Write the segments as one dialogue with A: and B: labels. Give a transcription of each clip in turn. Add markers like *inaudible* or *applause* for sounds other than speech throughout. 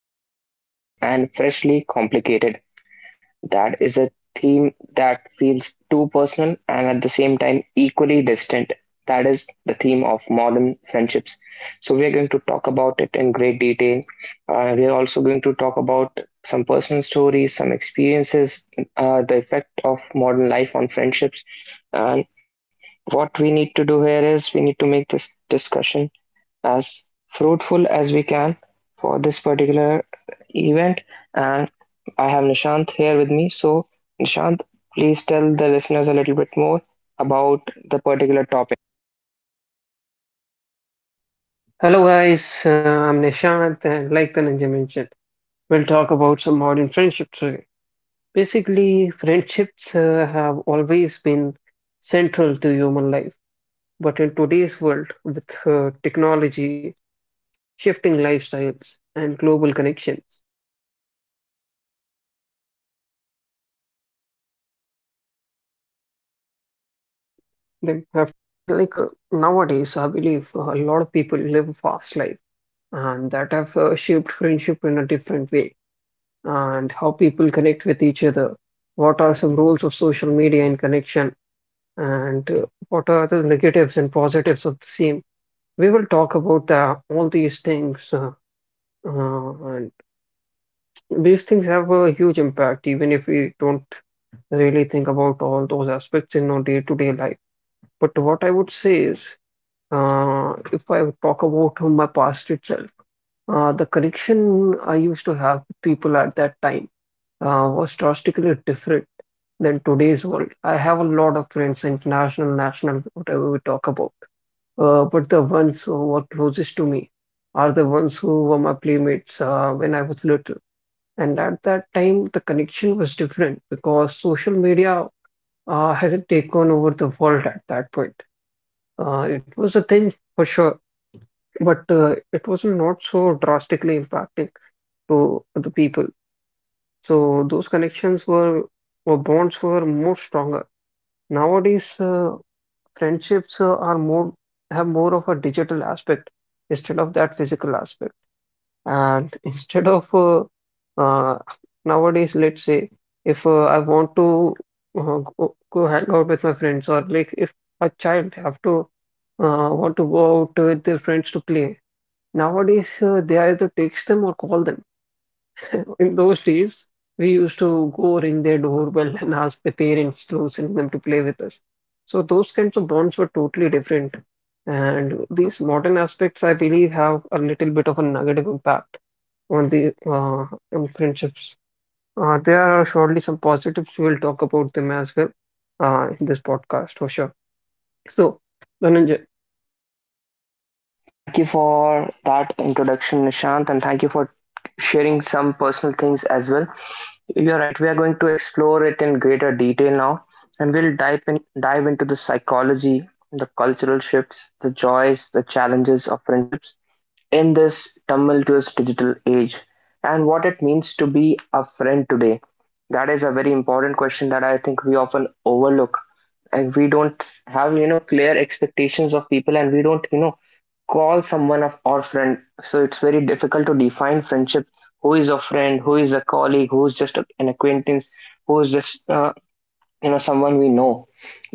A: both timeless and freshly complicated. That is a theme that feels too personal and at the same time equally distant. That is the theme of modern friendships. So, we are going to talk about it in great detail. We are also going to talk about some personal stories, some experiences, the effect of modern life on friendships, and what we need to do here is we need to make this discussion as fruitful as we can for this particular event. And I have Nishant here with me. So, Nishant, please tell the listeners a little bit more about the particular topic.
B: Hello guys, I'm Nishant, and like the Dhananjay mentioned, we'll talk about some modern friendships today. Basically, friendships have always been central to human life, but in today's world with technology, shifting lifestyles, and global connections, the way we form and sustain them have changed drastically. So, like uh, Nowadays, I believe a lot of people live fast life, and that have shaped friendship in a different way and how people connect with each other. What are some roles of social media in connection, and what are the negatives and positives of the same? We will talk about all these things, and these things have a huge impact, even if we don't really think about all those aspects in our day-to-day life. But what I would say is, if I would talk about my past itself, the connection I used to have with people at that time was drastically different than today's world. I have a lot of friends, international, national, whatever we talk about, but the ones who were closest to me are the ones who were my playmates when I was little. And at that time, the connection was different because social media hasn't taken over the world at that point. It was a thing for sure, but it was not so drastically impacting to the people. So those connections were, or bonds were, more stronger. Nowadays, friendships are more, have more of a digital aspect instead of that physical aspect. And *laughs* instead of uh, nowadays, let's say, if I want to uh, go hang out with my friends, or like if a child have to want to go out with their friends to play, nowadays they either text them or call them. In those days, we used to go ring their doorbell and ask the parents to send them to play with us. So those kinds of bonds were totally different. And these modern aspects, I believe, have a little bit of a negative impact on the on friendships. There are surely some positives. We'll talk about them as well in this podcast for sure. So, Dhananjay,
A: Thank you for that introduction, Nishant, and thank you for sharing some personal things as well. You're right. We are going to explore it in greater detail now, and we'll dive into the psychology, the cultural shifts, the joys, the challenges of friendships in this tumultuous digital age, and what it means to be a friend today. That is a very important question that I think we often overlook, and we don't have clear expectations of people, and we don't call someone of our friend, so it's very difficult to define friendship. Who is a friend, who is a colleague, who's just an acquaintance, who is just someone we know.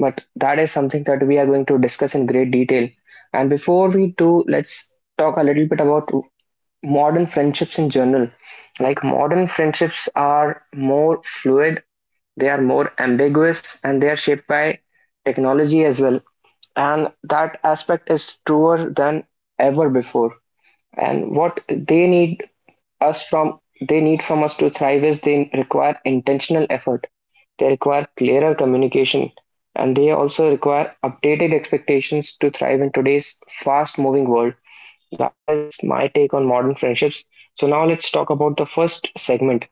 A: But that is something that we are going to discuss in great detail, and before we do, let's talk a little bit about modern friendships in general. Like, modern friendships are more fluid, they are more ambiguous, and they are shaped by technology as well, and that aspect is truer than ever before. And what they need us from they need from us to thrive is they require intentional effort, they require clearer communication, and they also require updated expectations to thrive in today's fast moving world. That is my take on modern friendships. So now let's talk about the first segment.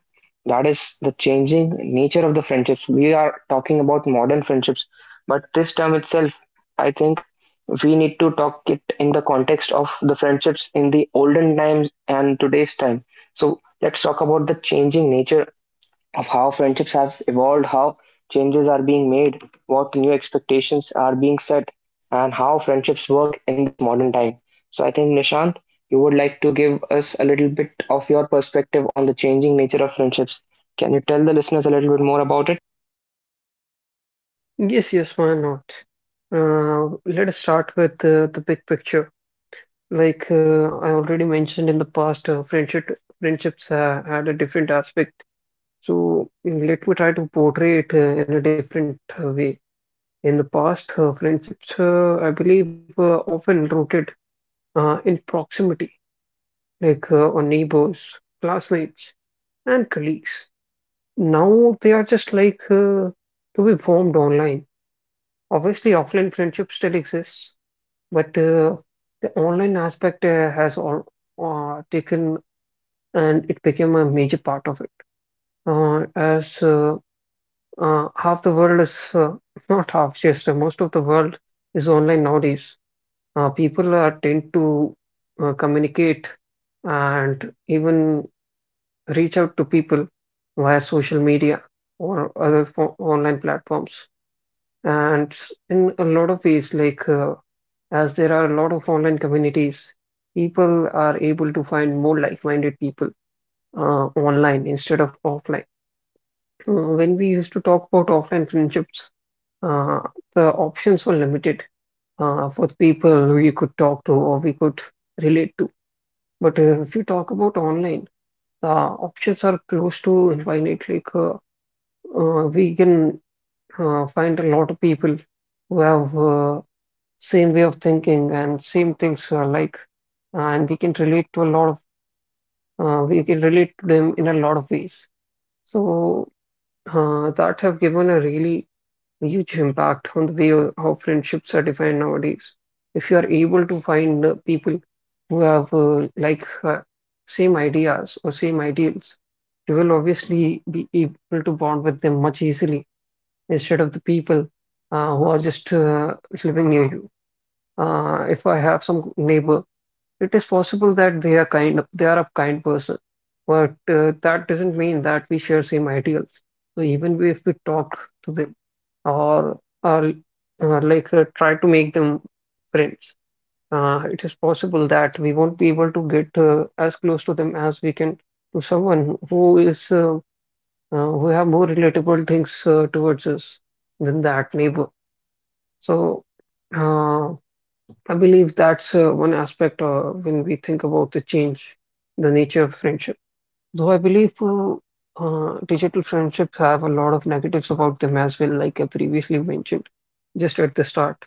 A: That is the changing nature of the friendships. We are talking about modern friendships, but this term itself, I think, we need to talk it in the context of the friendships in the olden times and today's time. So let's talk about the changing nature of how friendships have evolved, how changes are being made, what new expectations are being set, and how friendships work in this modern time. So I think, Nishant, you would like to give us a little bit of your perspective on the changing nature of friendships. Can you tell the listeners a little bit more about it?
B: yes, yes, why not? Let us start with the big picture. Like uh, I already mentioned in the past, friendships had a different aspect. So let me try to portray it in a different way. In the past, friendships, I believe, were often rooted in proximity, on neighbors, classmates, and colleagues. Now they are just to be formed online. Obviously, offline friendships still exists, but the online aspect has all taken, and it became a major part of it. As Half the world is *laughs* not half, just most of the world is online nowadays. People are tend to communicate and even reach out to people via social media or online platforms. And in a lot of ways, as there are a lot of online communities, people are able to find more like minded people online instead of offline. Uh, When we used to talk about offline friendships, uh, the options were limited for the people who you could talk to or we could relate to. But if you talk about online, the options are close to infinite. We can find a lot of people who have same way of thinking and same things and we can relate to a lot of we can relate to them in a lot of ways. So that have given a really huge impact on the way how friendships are defined nowadays. If you are able to find people who have same ideas or same ideals, you will obviously be able to bond with them much easily instead of the people who are just living near you. If I have some neighbor, it is possible that they are a kind person, but that doesn't mean that we share same ideals. So even if we talk to them or try to make them friends, it is possible that we won't be able to get as close to them as we can to someone who is who have more relatable things towards us than that neighbor. So. Uh, I believe that's one aspect when we think about the change, the nature of friendship. Though I believe digital friendships have a lot of negatives about them as well, like I previously mentioned just at the start.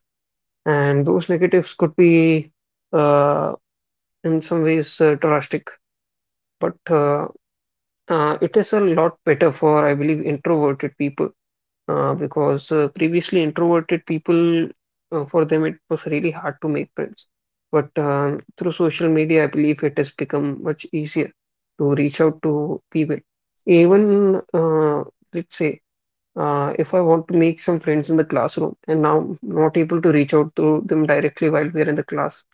B: And those negatives could be, uh, in some ways, drastic, but it is a lot better for, I believe, introverted people because previously introverted people, for them, it was really hard to make friends. But through social media, I believe it has become much easier to reach out to people. Even, let's say, if I want to make some friends in the classroom and now I'm not able to reach out to them directly while we're in the class,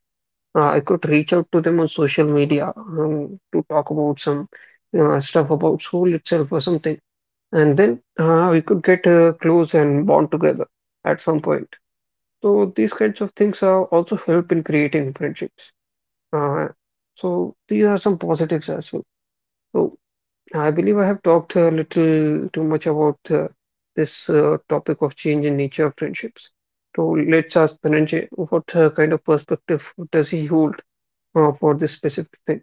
B: I could reach out to them on social media to talk about some stuff about school itself or something, and then we could get close and bond together at some point. So these kinds of things also help in creating friendships. Uh, so these are some positives as well. So I believe I have talked a little too much about this topic of change in nature of friendships. So let's ask Dhananjay what kind of perspective does he hold for this specific thing?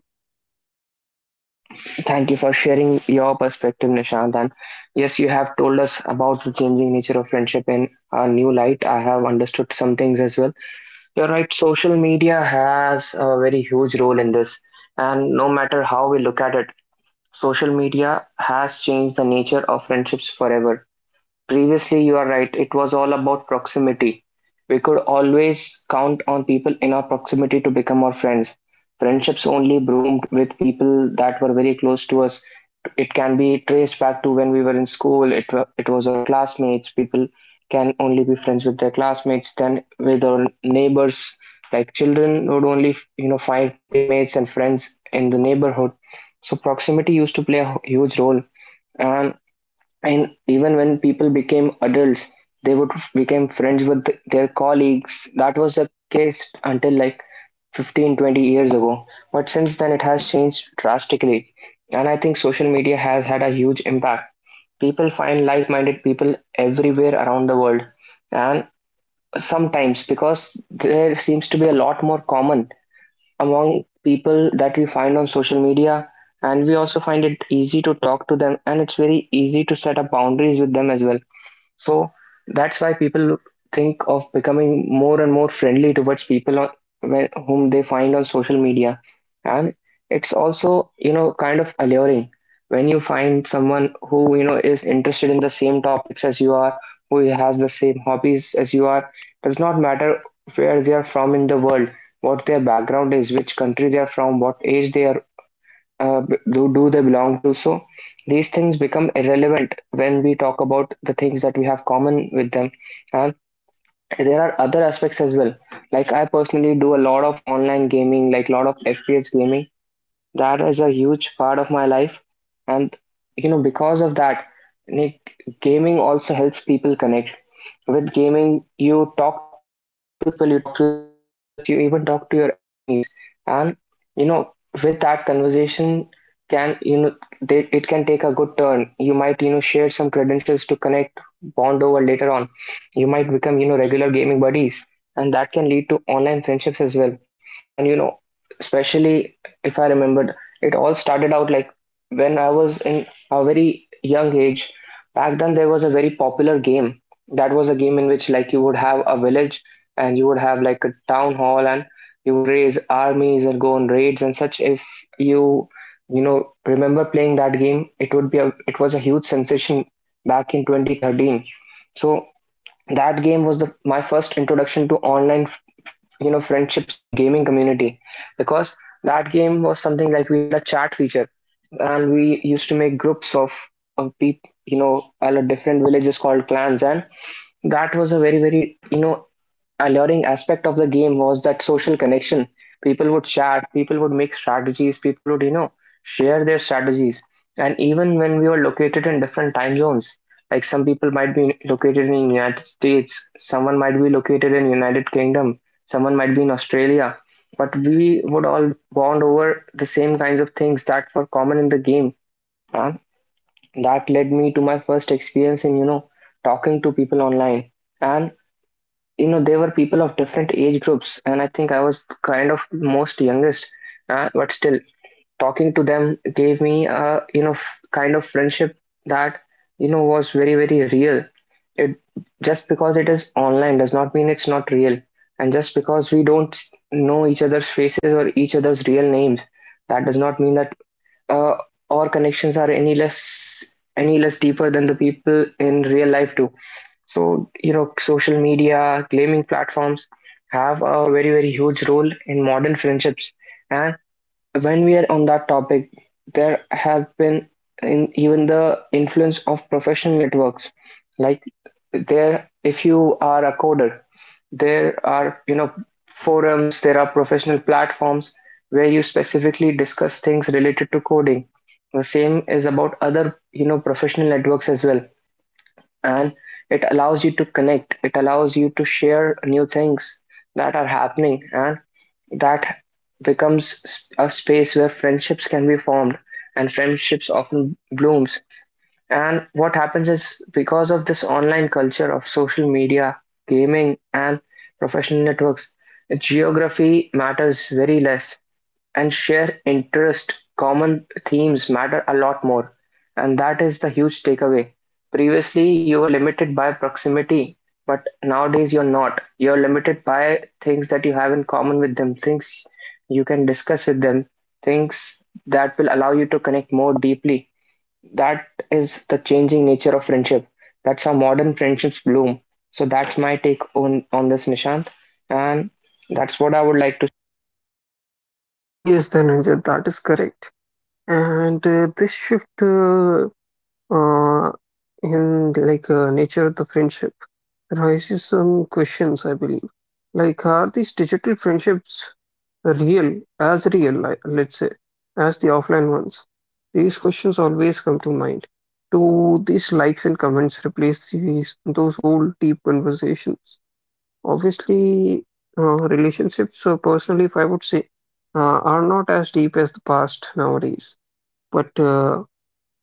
A: Thank you for sharing your perspective, Nishant. And yes, you have told us about the changing nature of friendship in a new light. I have understood some things as well. You're right, social media has a very huge role in this. And no matter how we look at it, social media has changed the nature of friendships forever. Previously, you are right, it was all about proximity. We could always count on people in our proximity to become our friends. Friendships only bloomed with people that were very close to us. It can be traced back to when we were in school, it was our classmates. People can only be friends with their classmates, then with our neighbors. Like children would only find playmates and friends in the neighborhood. So proximity used to play a huge role, and and even when people became adults, they would become friends with their colleagues. That was the case until like 15 to 20 years ago. But since then, it has changed drastically. And I think social media has had a huge impact. People find like minded people everywhere around the world. And sometimes, because there seems to be a lot more common among people that we find on social media, and we also find it easy to talk to them, and it's very easy to set up boundaries with them as well, so that's why people think of becoming more and more friendly towards people whom they find on social media. And it's also kind of alluring when you find someone who is interested in the same topics as you are, who has the same hobbies as you are. Does not matter where they are from in the world, what their background is, which country they are from, what age they are do they belong to. So these things become irrelevant when we talk about the things that we have common with them. And there are other aspects as well. Like, I personally do a lot of online gaming, like a lot of FPS gaming. That is a huge part of my life. And because of that, like, gaming also helps people connect. With gaming, you talk to the people, you talk to the teammates, you even talk to your enemies. And you know with that conversation, can you know they, it can take a good turn. You might share some credentials to connect, bond over later on. You might become regular gaming buddies, and that can lead to online friendships as well. And especially if I remembered, it all started out like when I was in a very young age. Back then, there was a very popular game. That was a game in which, like, you would have a village, and you would have like a town hall, and you would raise armies and go on raids and such. If you you know remember playing that game, it would be a it was a huge sensation back in 2013. So that game was the my first introduction to online, friendships in gaming community, because that game was something like we had a chat feature, and we used to make groups of people, all the different villages called clans. And that was a very, very alluring aspect of the game, was that social connection. People would chat, people would make strategies, people would share their strategies. And even when we were located in different time zones, like some people might be located in United States, someone might be located in United Kingdom, someone might be in Australia, but we would all bond over the same kinds of things that were common in the game. And that led me to my first experience in talking to people online. And they were people of different age groups, and I think I was kind of most youngest, but still, talking to them gave me a kind of friendship that, was very, very real. It just because it is online does not mean it's not real, and just because we don't know each other's faces or each other's real names, that does not mean that uh, our connections are any less deeper than the people in real life do. So, social media, gaming platforms have a very, very huge role in modern friendships. And when we are on that topic, there have been, even the influence of professional networks. Like, there, if you are a coder, there are forums, there are professional platforms where you specifically discuss things related to coding. The same is about other professional networks as well, and it allows you to connect, it allows you to share new things that are happening, and that becomes a space where friendships can be formed, and friendships often blooms. And what happens is, because of this online culture of social media, gaming, and professional networks, geography matters very less, and share interest, common themes matter a lot more. And that is the huge takeaway. Previously, you were limited by proximity, but nowadays you're not. You're limited by things that you have in common with them, things you can discuss with them, things that will allow you to connect more deeply. That is the changing nature of friendship. That's how modern friendships bloom. So that's my take on this, Nishant. And that's what I would like to.
B: Yes, Dhananjay, that is correct. And uh, this shift uh, Uh, in like uh, nature of the friendship raises some questions, I believe. Like, are these digital friendships real, as real, like, let's say, as the offline ones? These questions always come to mind. Do these likes and comments replace these those old deep conversations? Obviously, relationships, personally, if I would say, uh, are not as deep as the past nowadays. But uh,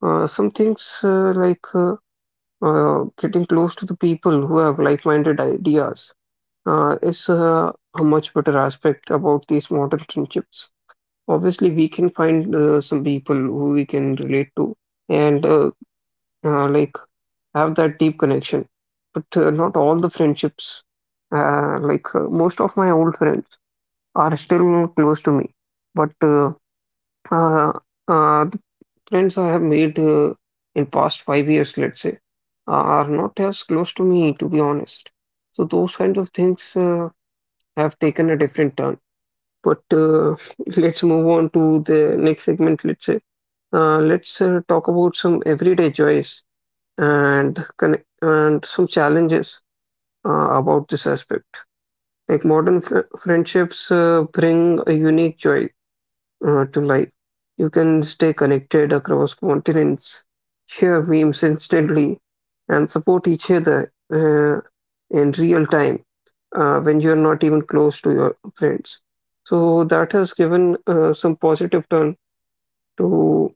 B: uh, some things like getting close to the people who have like-minded ideas is a much better aspect about these modern friendships. Obviously, we can find some people who we can relate to and uh, like have that deep connection. But not all the friendships, most of my old friends, are still close to me. But uh, uh, friends I have made in past 5 years, let's say, are not as close to me, to be honest. So those kinds of things have taken a different turn. But *laughs* let's move on to the next segment, let's say. Let's talk about some everyday joys and connect and some challenges about this aspect. Like modern fr friendships bring a unique joy to life. You can stay connected across continents, share memes instantly, and support each other in real time when you're not even close to your friends. So that has given some positive turn to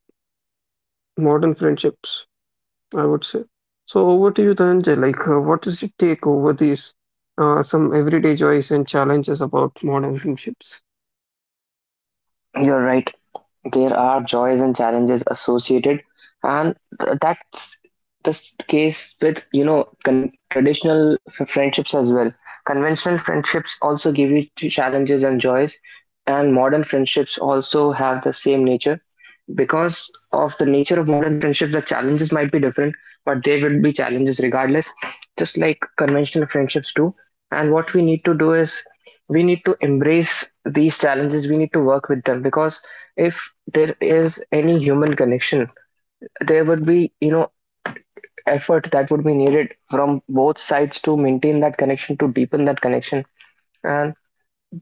B: modern friendships, I would say. So over to you, Dhananjay. Like, what is your take over these some everyday joys and challenges about modern friendships?
A: You're right. There are joys and challenges associated, and that's the case with traditional friendships as well. Conventional friendships also give you challenges and joys, and modern friendships also have the same nature. Because of the nature of modern friendships, the challenges might be different, but they will be challenges regardless, just like conventional friendships do. And what we need to do is we need to embrace these challenges, we need to work with them, because if there is any human connection, there would be, effort that would be needed from both sides to maintain that connection, to deepen that connection. And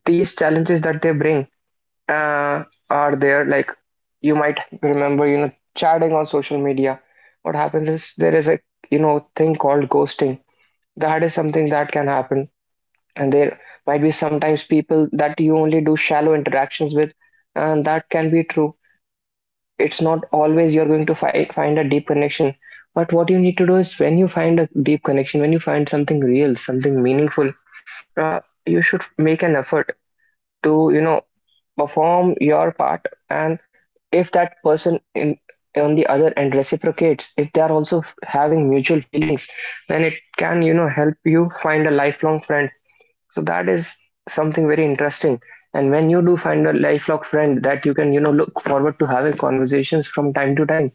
A: these challenges that they bring, uh, are there, like, you might remember, chatting on social media, what happens is there is a, thing called ghosting. That is something that can happen. And there might be sometimes people that you only do shallow interactions with, and that can be true. It's not always you're going to find a deep connection. But what you need to do is when you find a deep connection, when you find something real, something meaningful, uh, you should make an effort to, perform your part. And if that person in on the other end reciprocates, if they are also having mutual feelings, then it can, help you find a lifelong friend. So that is something very interesting. And when you do find a lifelong friend that you can, look forward to having conversations from time to time,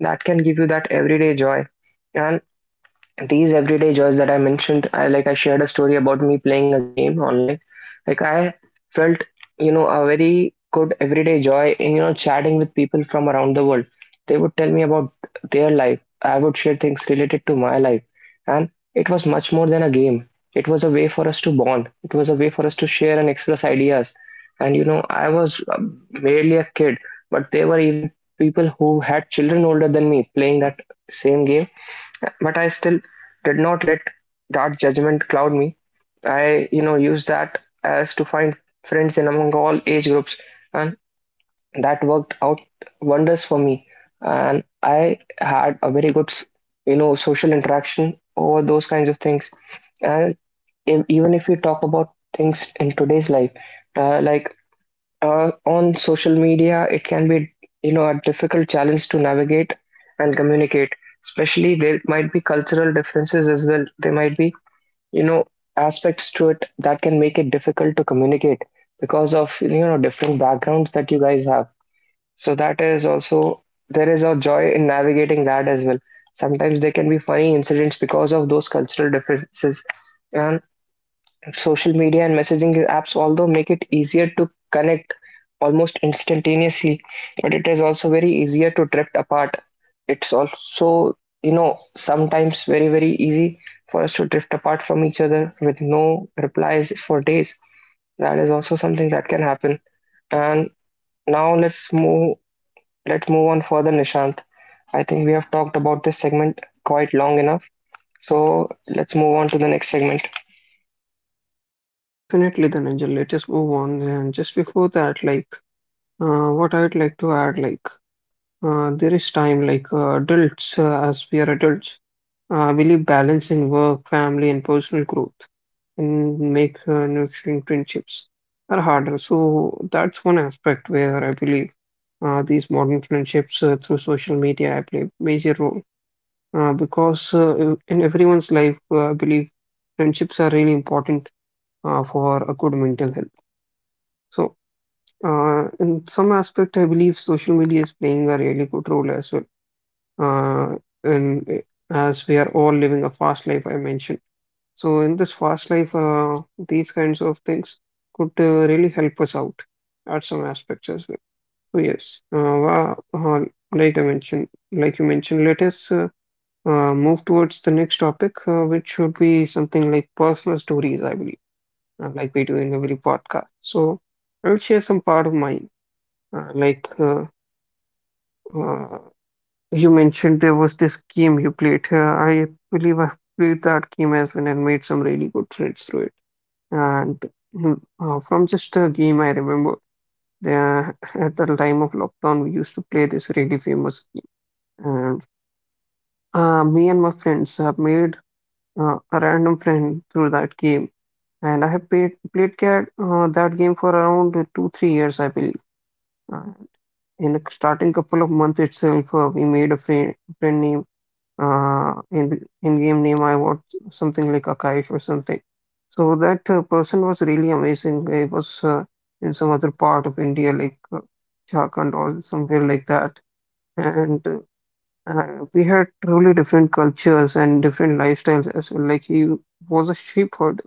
A: that can give you that everyday joy. And these everyday joys that I mentioned, I shared a story about me playing a game online. Like, I felt, a very good everyday joy in, chatting with people from around the world. They would tell me about their life. I would share things related to my life. And it was much more than a game. It was a way for us to bond. It was a way for us to share and express ideas. And I was merely a kid, but there were even people who had children older than me playing that same game. But I still did not let that judgment cloud me. I, used that as to find friends in among all age groups, and that worked out wonders for me. And I had a very good, social interaction over those kinds of things. And if, even if we talk about things in today's life, uh, like on social media it can be, a difficult challenge to navigate and communicate. Especially, there might be cultural differences as well, there might be, you know aspects to it that can make it difficult to communicate because of, different backgrounds that you guys have. So that is also, there is a joy in navigating that as well. Sometimes there can be funny incidents because of those cultural differences. And social media and messaging apps, although make it easier to connect almost instantaneously, but it is also very easier to drift apart. It's also, sometimes very, very easy for us to drift apart from each other with no replies for days. That is also something that can happen. And now let's move on further, Nishant. I think we have talked about this segment quite long enough. So let's move on to the next segment.
B: Definitely, Dhananjay. Let us move on. And just before that, what I would like to add, there is time, adults, as we are adults, really balancing work, family, and personal growth and make nurturing friendships are harder. So that's one aspect where I believe these modern friendships through social media play a major role because in everyone's life, I believe friendships are really important for a good mental health. So in some aspect, I believe social media is playing a really good role as well. Uh, and eh, as we are all living a fast life, I mentioned. So in this fast life, these kinds of things could really help us out at some aspects as well. So yes, like I mentioned, like you mentioned, let us move towards the next topic, which should be something like personal stories, I believe, like we do in every podcast. So I'll share some part of mine. Uh, like uh, uh, you mentioned, there was this game you played. I believe I played that game as well and made some really good friends through it. And from just a game, I remember uh, at the time of lockdown, we used to play this really famous game. And me and my friends have made a random friend through that game. And I have played that game for around two, 3 years, I believe. Uh, in the starting couple of months itself, we made a friend, friend named. In the in-game name I was something like Akash or something. So that person was really amazing. He was in some other part of India, like, Jharkhand or somewhere like that. And we had truly different cultures and different lifestyles as well. Like he was a shepherd,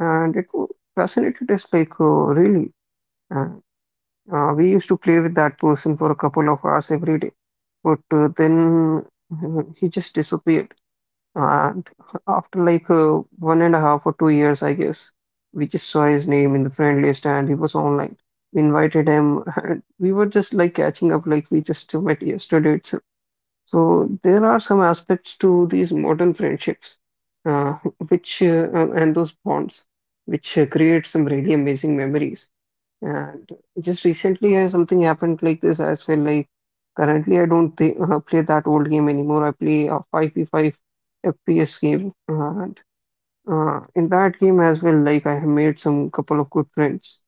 B: and fascinated us. Like, really, uh, we used to play with that person for a couple of hours every day, but then he just disappeared, and after like one and a half or 2 years, I guess, we just saw his name in the friend list and he was online. We invited him and we were just like catching up like we just met yesterday itself. So there are some aspects to these modern friendships, uh, which and those bonds, which create some really amazing memories. And just recently, something happened like this as well. Like currently, I don't play that old game anymore. I play a 5v5 FPS game, and in that game as well, like I have made some couple of good friends.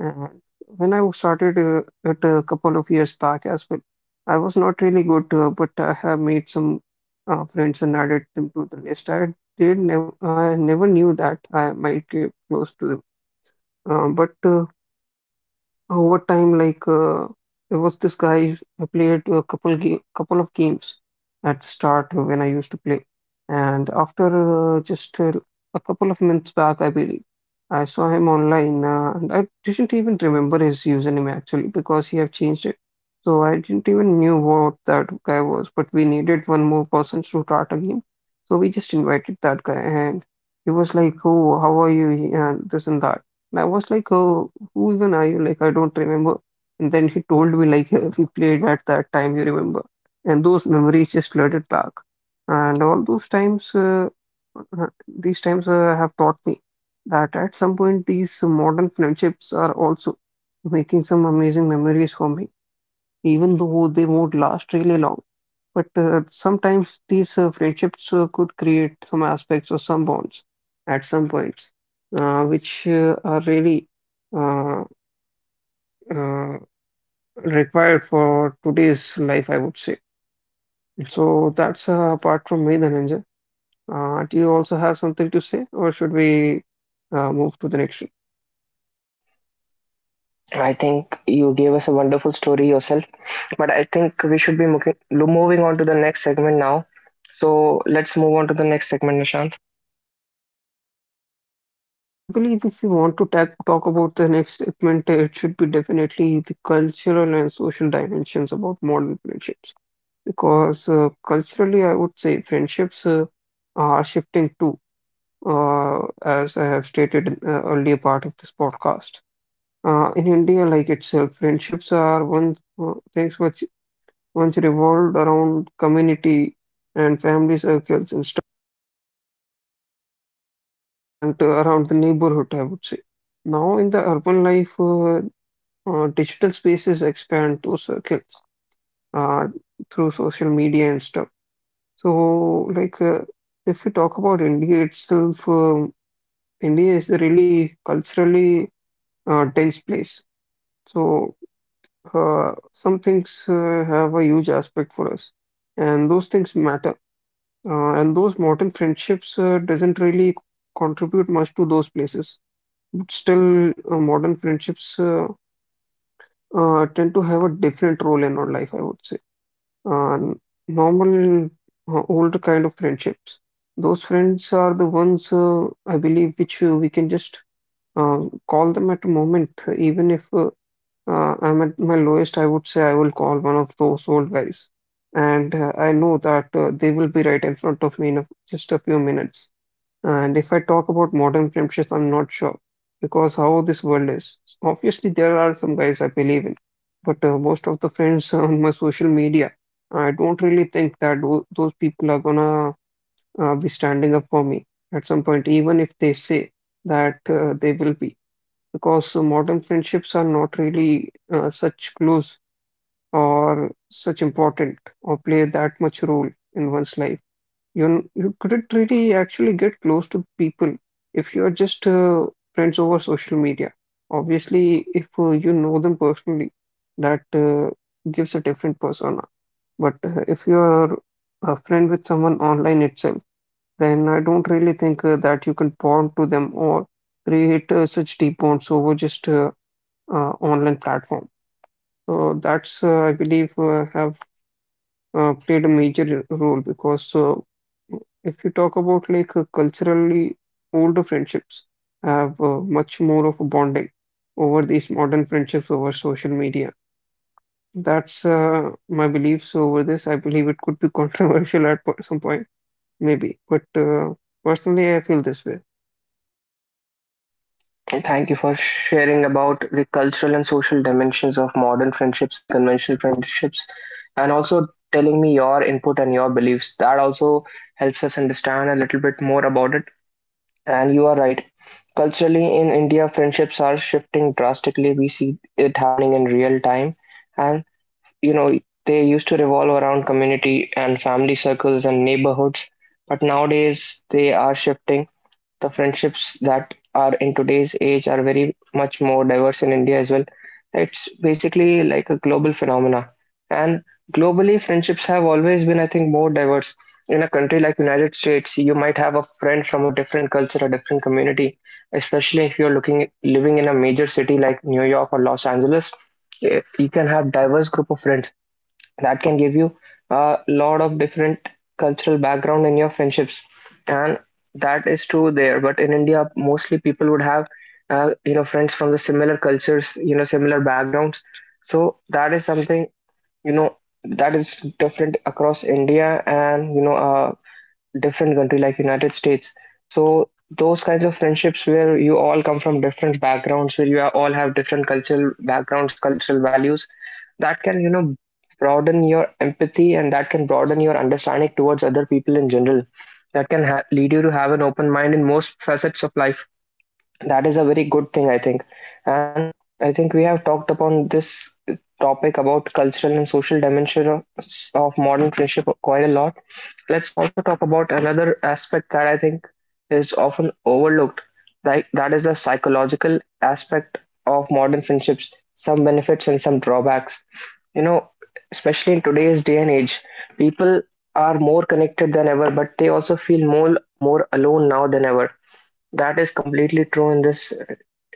B: And when I started it a couple of years back as well, I was not really good, but I have made some friends and added them to the list. I never knew that I might get close to them, but over time, like, there was this guy I played a couple of games at start when I used to play, and after just a couple of months back, I believe I saw him online, and I didn't even remember his username actually because he had changed it. So I didn't even knew what that guy was, but we needed one more person to start a game, so we just invited that guy, and he was like, "Oh, how are you?" and this and that. And I was like, oh, who even are you? Like, I don't remember. And then he told me, like, *laughs* we played at that time, you remember. And those memories just flooded back. And all those times, these times have taught me that at some point, these modern friendships are also making some amazing memories for me even though they won't last really long. But sometimes these friendships could create some aspects or some bonds at some points, which are really uh, uh, required for today's life, I would say. So that's, apart from me, Dhananjay. Do you also have something to say, or should we move to the next?
A: I think you gave us a wonderful story yourself, but I think we should be moving on to the next segment now. So let's move on to the next segment, Nishant.
B: I believe if you want to ta talk about the next segment, it should be definitely the cultural and social dimensions about modern friendships. Because culturally, I would say friendships are shifting too, uh, as I have stated in earlier part of this podcast. In India, like itself, friendships are one things which once revolved around community and family circles and stuff, and around the neighborhood, I would say. Now, in the urban life, digital spaces expand those circles uh, through social media and stuff. So, like, if we talk about India itself, India is a really culturally dense place. So, some things have a huge aspect for us, and those things matter. And those modern friendships doesn't really contribute much to those places. But still, modern friendships tend to have a different role in our life, I would say. uh, Normal older kind of friendships, those friends are the ones I believe which we can just uh, call them at a moment. Even if I'm at my lowest, I would say I will call one of those old guys, and I know that they will be right in front of me in, a just a few minutes. And if I talk about modern friendships, I'm not sure because how this world is. Obviously, there are some guys I believe in, but most of the friends *laughs* on my social media, I don't really think that those people are gonna be standing up for me at some point, even if they say that they will be. Because modern friendships are not really such close or such important or play that much role in one's life. You couldn't really actually get close to people if you're just friends over social media. Obviously, if you know them personally, that gives a different persona. But if you're a friend with someone online itself, then I don't really think that you can bond to them or create such deep bonds over just online platform. So that's I believe have played a major role because if you talk about like, culturally older friendships have much more of a bonding over these modern friendships over social media. That's my beliefs over this. I believe it could be *laughs* controversial at some point, maybe, but personally, I feel this way.
A: And thank you for sharing about the cultural and social dimensions of modern friendships and conventional friendships, and also telling me your input and your beliefs. That also helps us understand a little bit more about it. And you are right. Culturally, in India, friendships are shifting drastically. We see it happening in real time, and you know they used to revolve around community and family circles and neighborhoods, but nowadays they are shifting. The friendships that are in today's age are very much more diverse in India as well. It's basically like a global phenomena. And globally, friendships have always been, I think, more diverse. In a country like United States, you might have a friend from a different culture, a different community, especially if you're looking living in a major city like New York or Los Angeles. You can have diverse group of friends that can give you a lot of different cultural background in your friendships. And that is true there, but in India mostly people would have, friends from the similar cultures, similar backgrounds. So that is something, you know that is different across India. And different country like United States. So those kinds of friendships where you all come from different backgrounds, where you all have different cultural backgrounds, cultural values, that can, broaden your empathy, and that can broaden your understanding towards other people in general. That can lead you to have an open mind in most facets of life. That is a very good thing, I think. And I think we have talked upon this topic about cultural and social dimension of modern friendship quite a lot. Let's also talk about another aspect that I think is often overlooked, like that is the psychological aspect of modern friendships, some benefits and some drawbacks. you know especially in today's day and age, people are more connected than ever, but they also feel more alone now than ever. That is completely true in this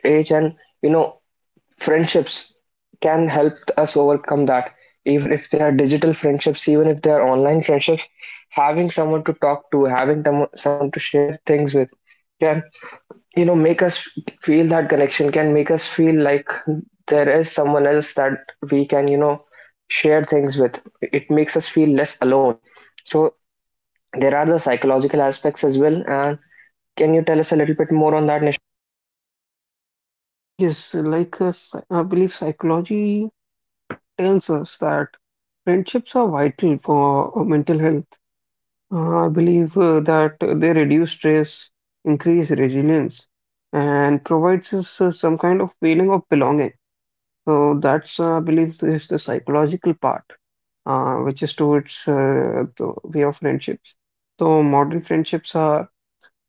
A: age. And, you know, friendships can help us overcome that. Even if they are digital friendships, even if they are online friendships, having someone to talk to, having them, someone to share things with, can, make us feel that connection. Can make us feel like there is someone else that we can, share things with. It makes us feel less alone. So there are the psychological aspects as well. And can you tell us a little bit more on that, Nish?
B: Yes, like, I believe psychology tells us that friendships are vital for mental health. I believe that they reduce stress, increase resilience, and provides us some kind of feeling of belonging. So that's, I believe, is the psychological part, which is towards the way of friendships. So modern friendships are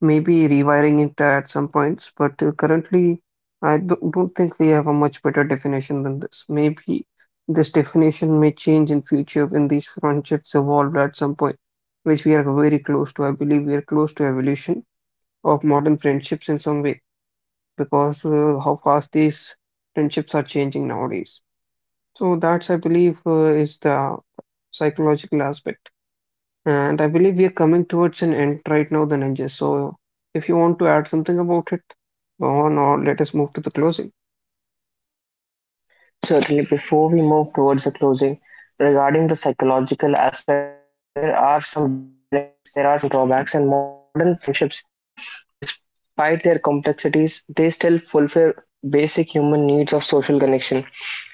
B: maybe rewiring it at some points, but currently, I don't think we have a much better definition than this. Maybe this definition may change in future when these friendships evolve at some point, which we are very close to. I believe we are close to evolution of modern friendships in some way because how fast these friendships are changing nowadays. So that's, I believe, is the psychological aspect. And I believe we are coming towards an end right now, the ninjas. So if you want to add something about it, go on or let us move to the closing.
A: Certainly, before we move towards the closing, regarding the psychological aspects, there are some benefits, there are some drawbacks, and modern friendships, despite their complexities, they still fulfill basic human needs of social connection.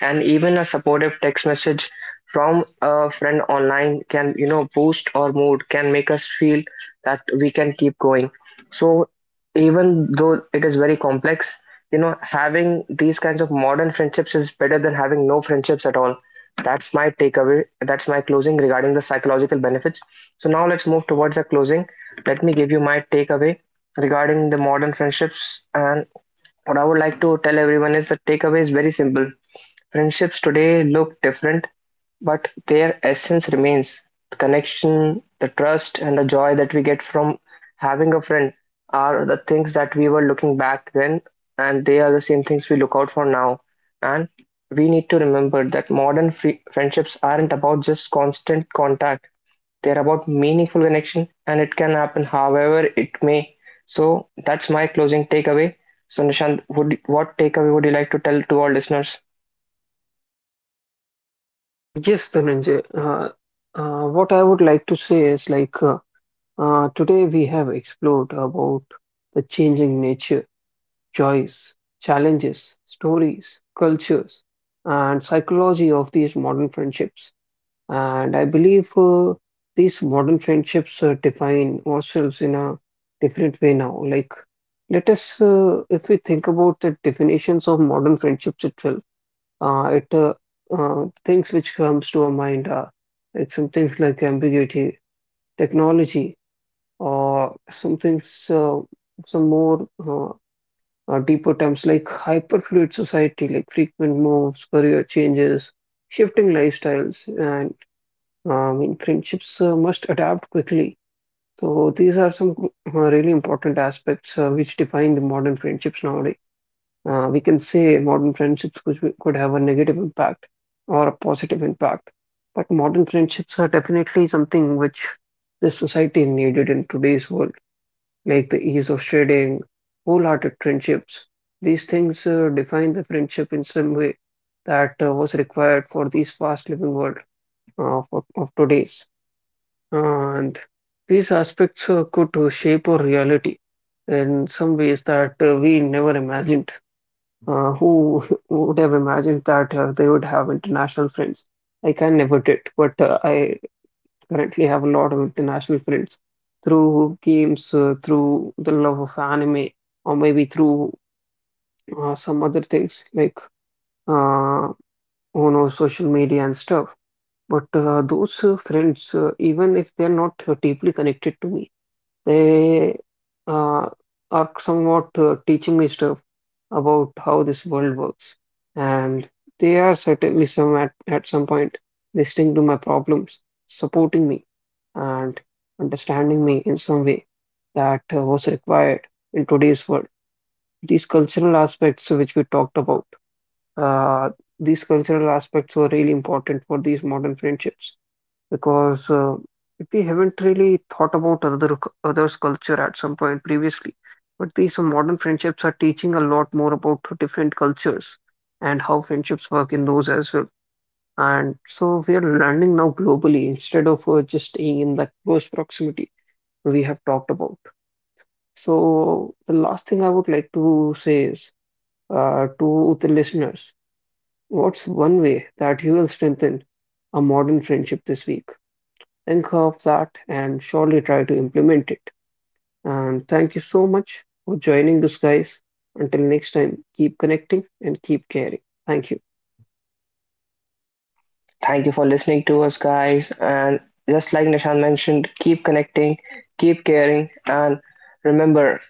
A: And even a supportive text message from a friend online can, boost our mood, can make us feel that we can keep going. So even though it is very complex, having these kinds of modern friendships is better than having no friendships at all. That's my takeaway. That's my closing regarding the psychological benefits. So now let's move towards the closing. Let me give you my takeaway regarding the modern friendships. And what I would like to tell everyone is the takeaway is very simple. Friendships today look different, but their essence remains. The connection, the trust, and the joy that we get from having a friend are the things that we were looking back then, and they are the same things we look out for now. And we need to remember that modern friendships aren't about just constant contact, they're about meaningful connection, and it can happen however it may. So that's my closing takeaway. So, Nishant, what takeaway would you like to tell to our listeners?
B: Yes, Dhananjay. What I would like to say is like, today we have explored about the changing nature, joys, challenges, stories, cultures, and psychology of these modern friendships. And I believe these modern friendships define ourselves in a different way now. Like, let us, if we think about the definitions of modern friendships itself, it things which comes to our mind are like some things like ambiguity, technology, or some things, some more deeper terms like hyperfluid society, like frequent moves, career changes, shifting lifestyles, and I mean friendships must adapt quickly. So these are some really important aspects which define the modern friendships nowadays. We can say modern friendships could have a negative impact or a positive impact. But modern friendships are definitely something which this society needed in today's world, like the ease of sharing, wholehearted friendships. These things define the friendship in some way that was required for this fast living world of today's. And these aspects could shape our reality in some ways that we never imagined. Who *laughs* would have imagined that they would have international friends? I can never did, but I currently have a lot of international friends through games, through the love of anime, or maybe through some other things like, uh, you know, social media and stuff. But those friends, even if they're not deeply connected to me, they uh, are somewhat teaching me stuff about how this world works, and they are certainly some at some point listening to my problems, supporting me, and understanding me in some way that was required in today's world. These cultural aspects which we talked about, uh, these cultural aspects were really important for these modern friendships because we haven't really thought about other others' culture at some point previously. But these modern friendships are teaching a lot more about different cultures and how friendships work in those as well. And so we are learning now globally instead of just staying in that close proximity we have talked about. So the last thing I would like to say is to the listeners, what's one way that you will strengthen a modern friendship this week? Think of that and surely try to implement it. And thank you so much for joining us, guys. Until next time, keep connecting and keep caring. Thank you.
A: Thank you for listening to us, guys. And just like Nishan mentioned, keep connecting, keep caring, and remember,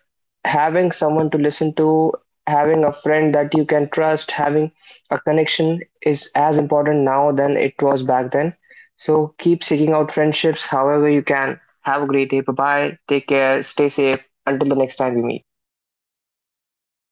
A: having someone to listen to, having a friend that you can trust, having a connection is as important now than it was back then. So keep seeking out friendships however you can. Have a great day. Bye bye. Take care. Stay safe. Until the next time we meet.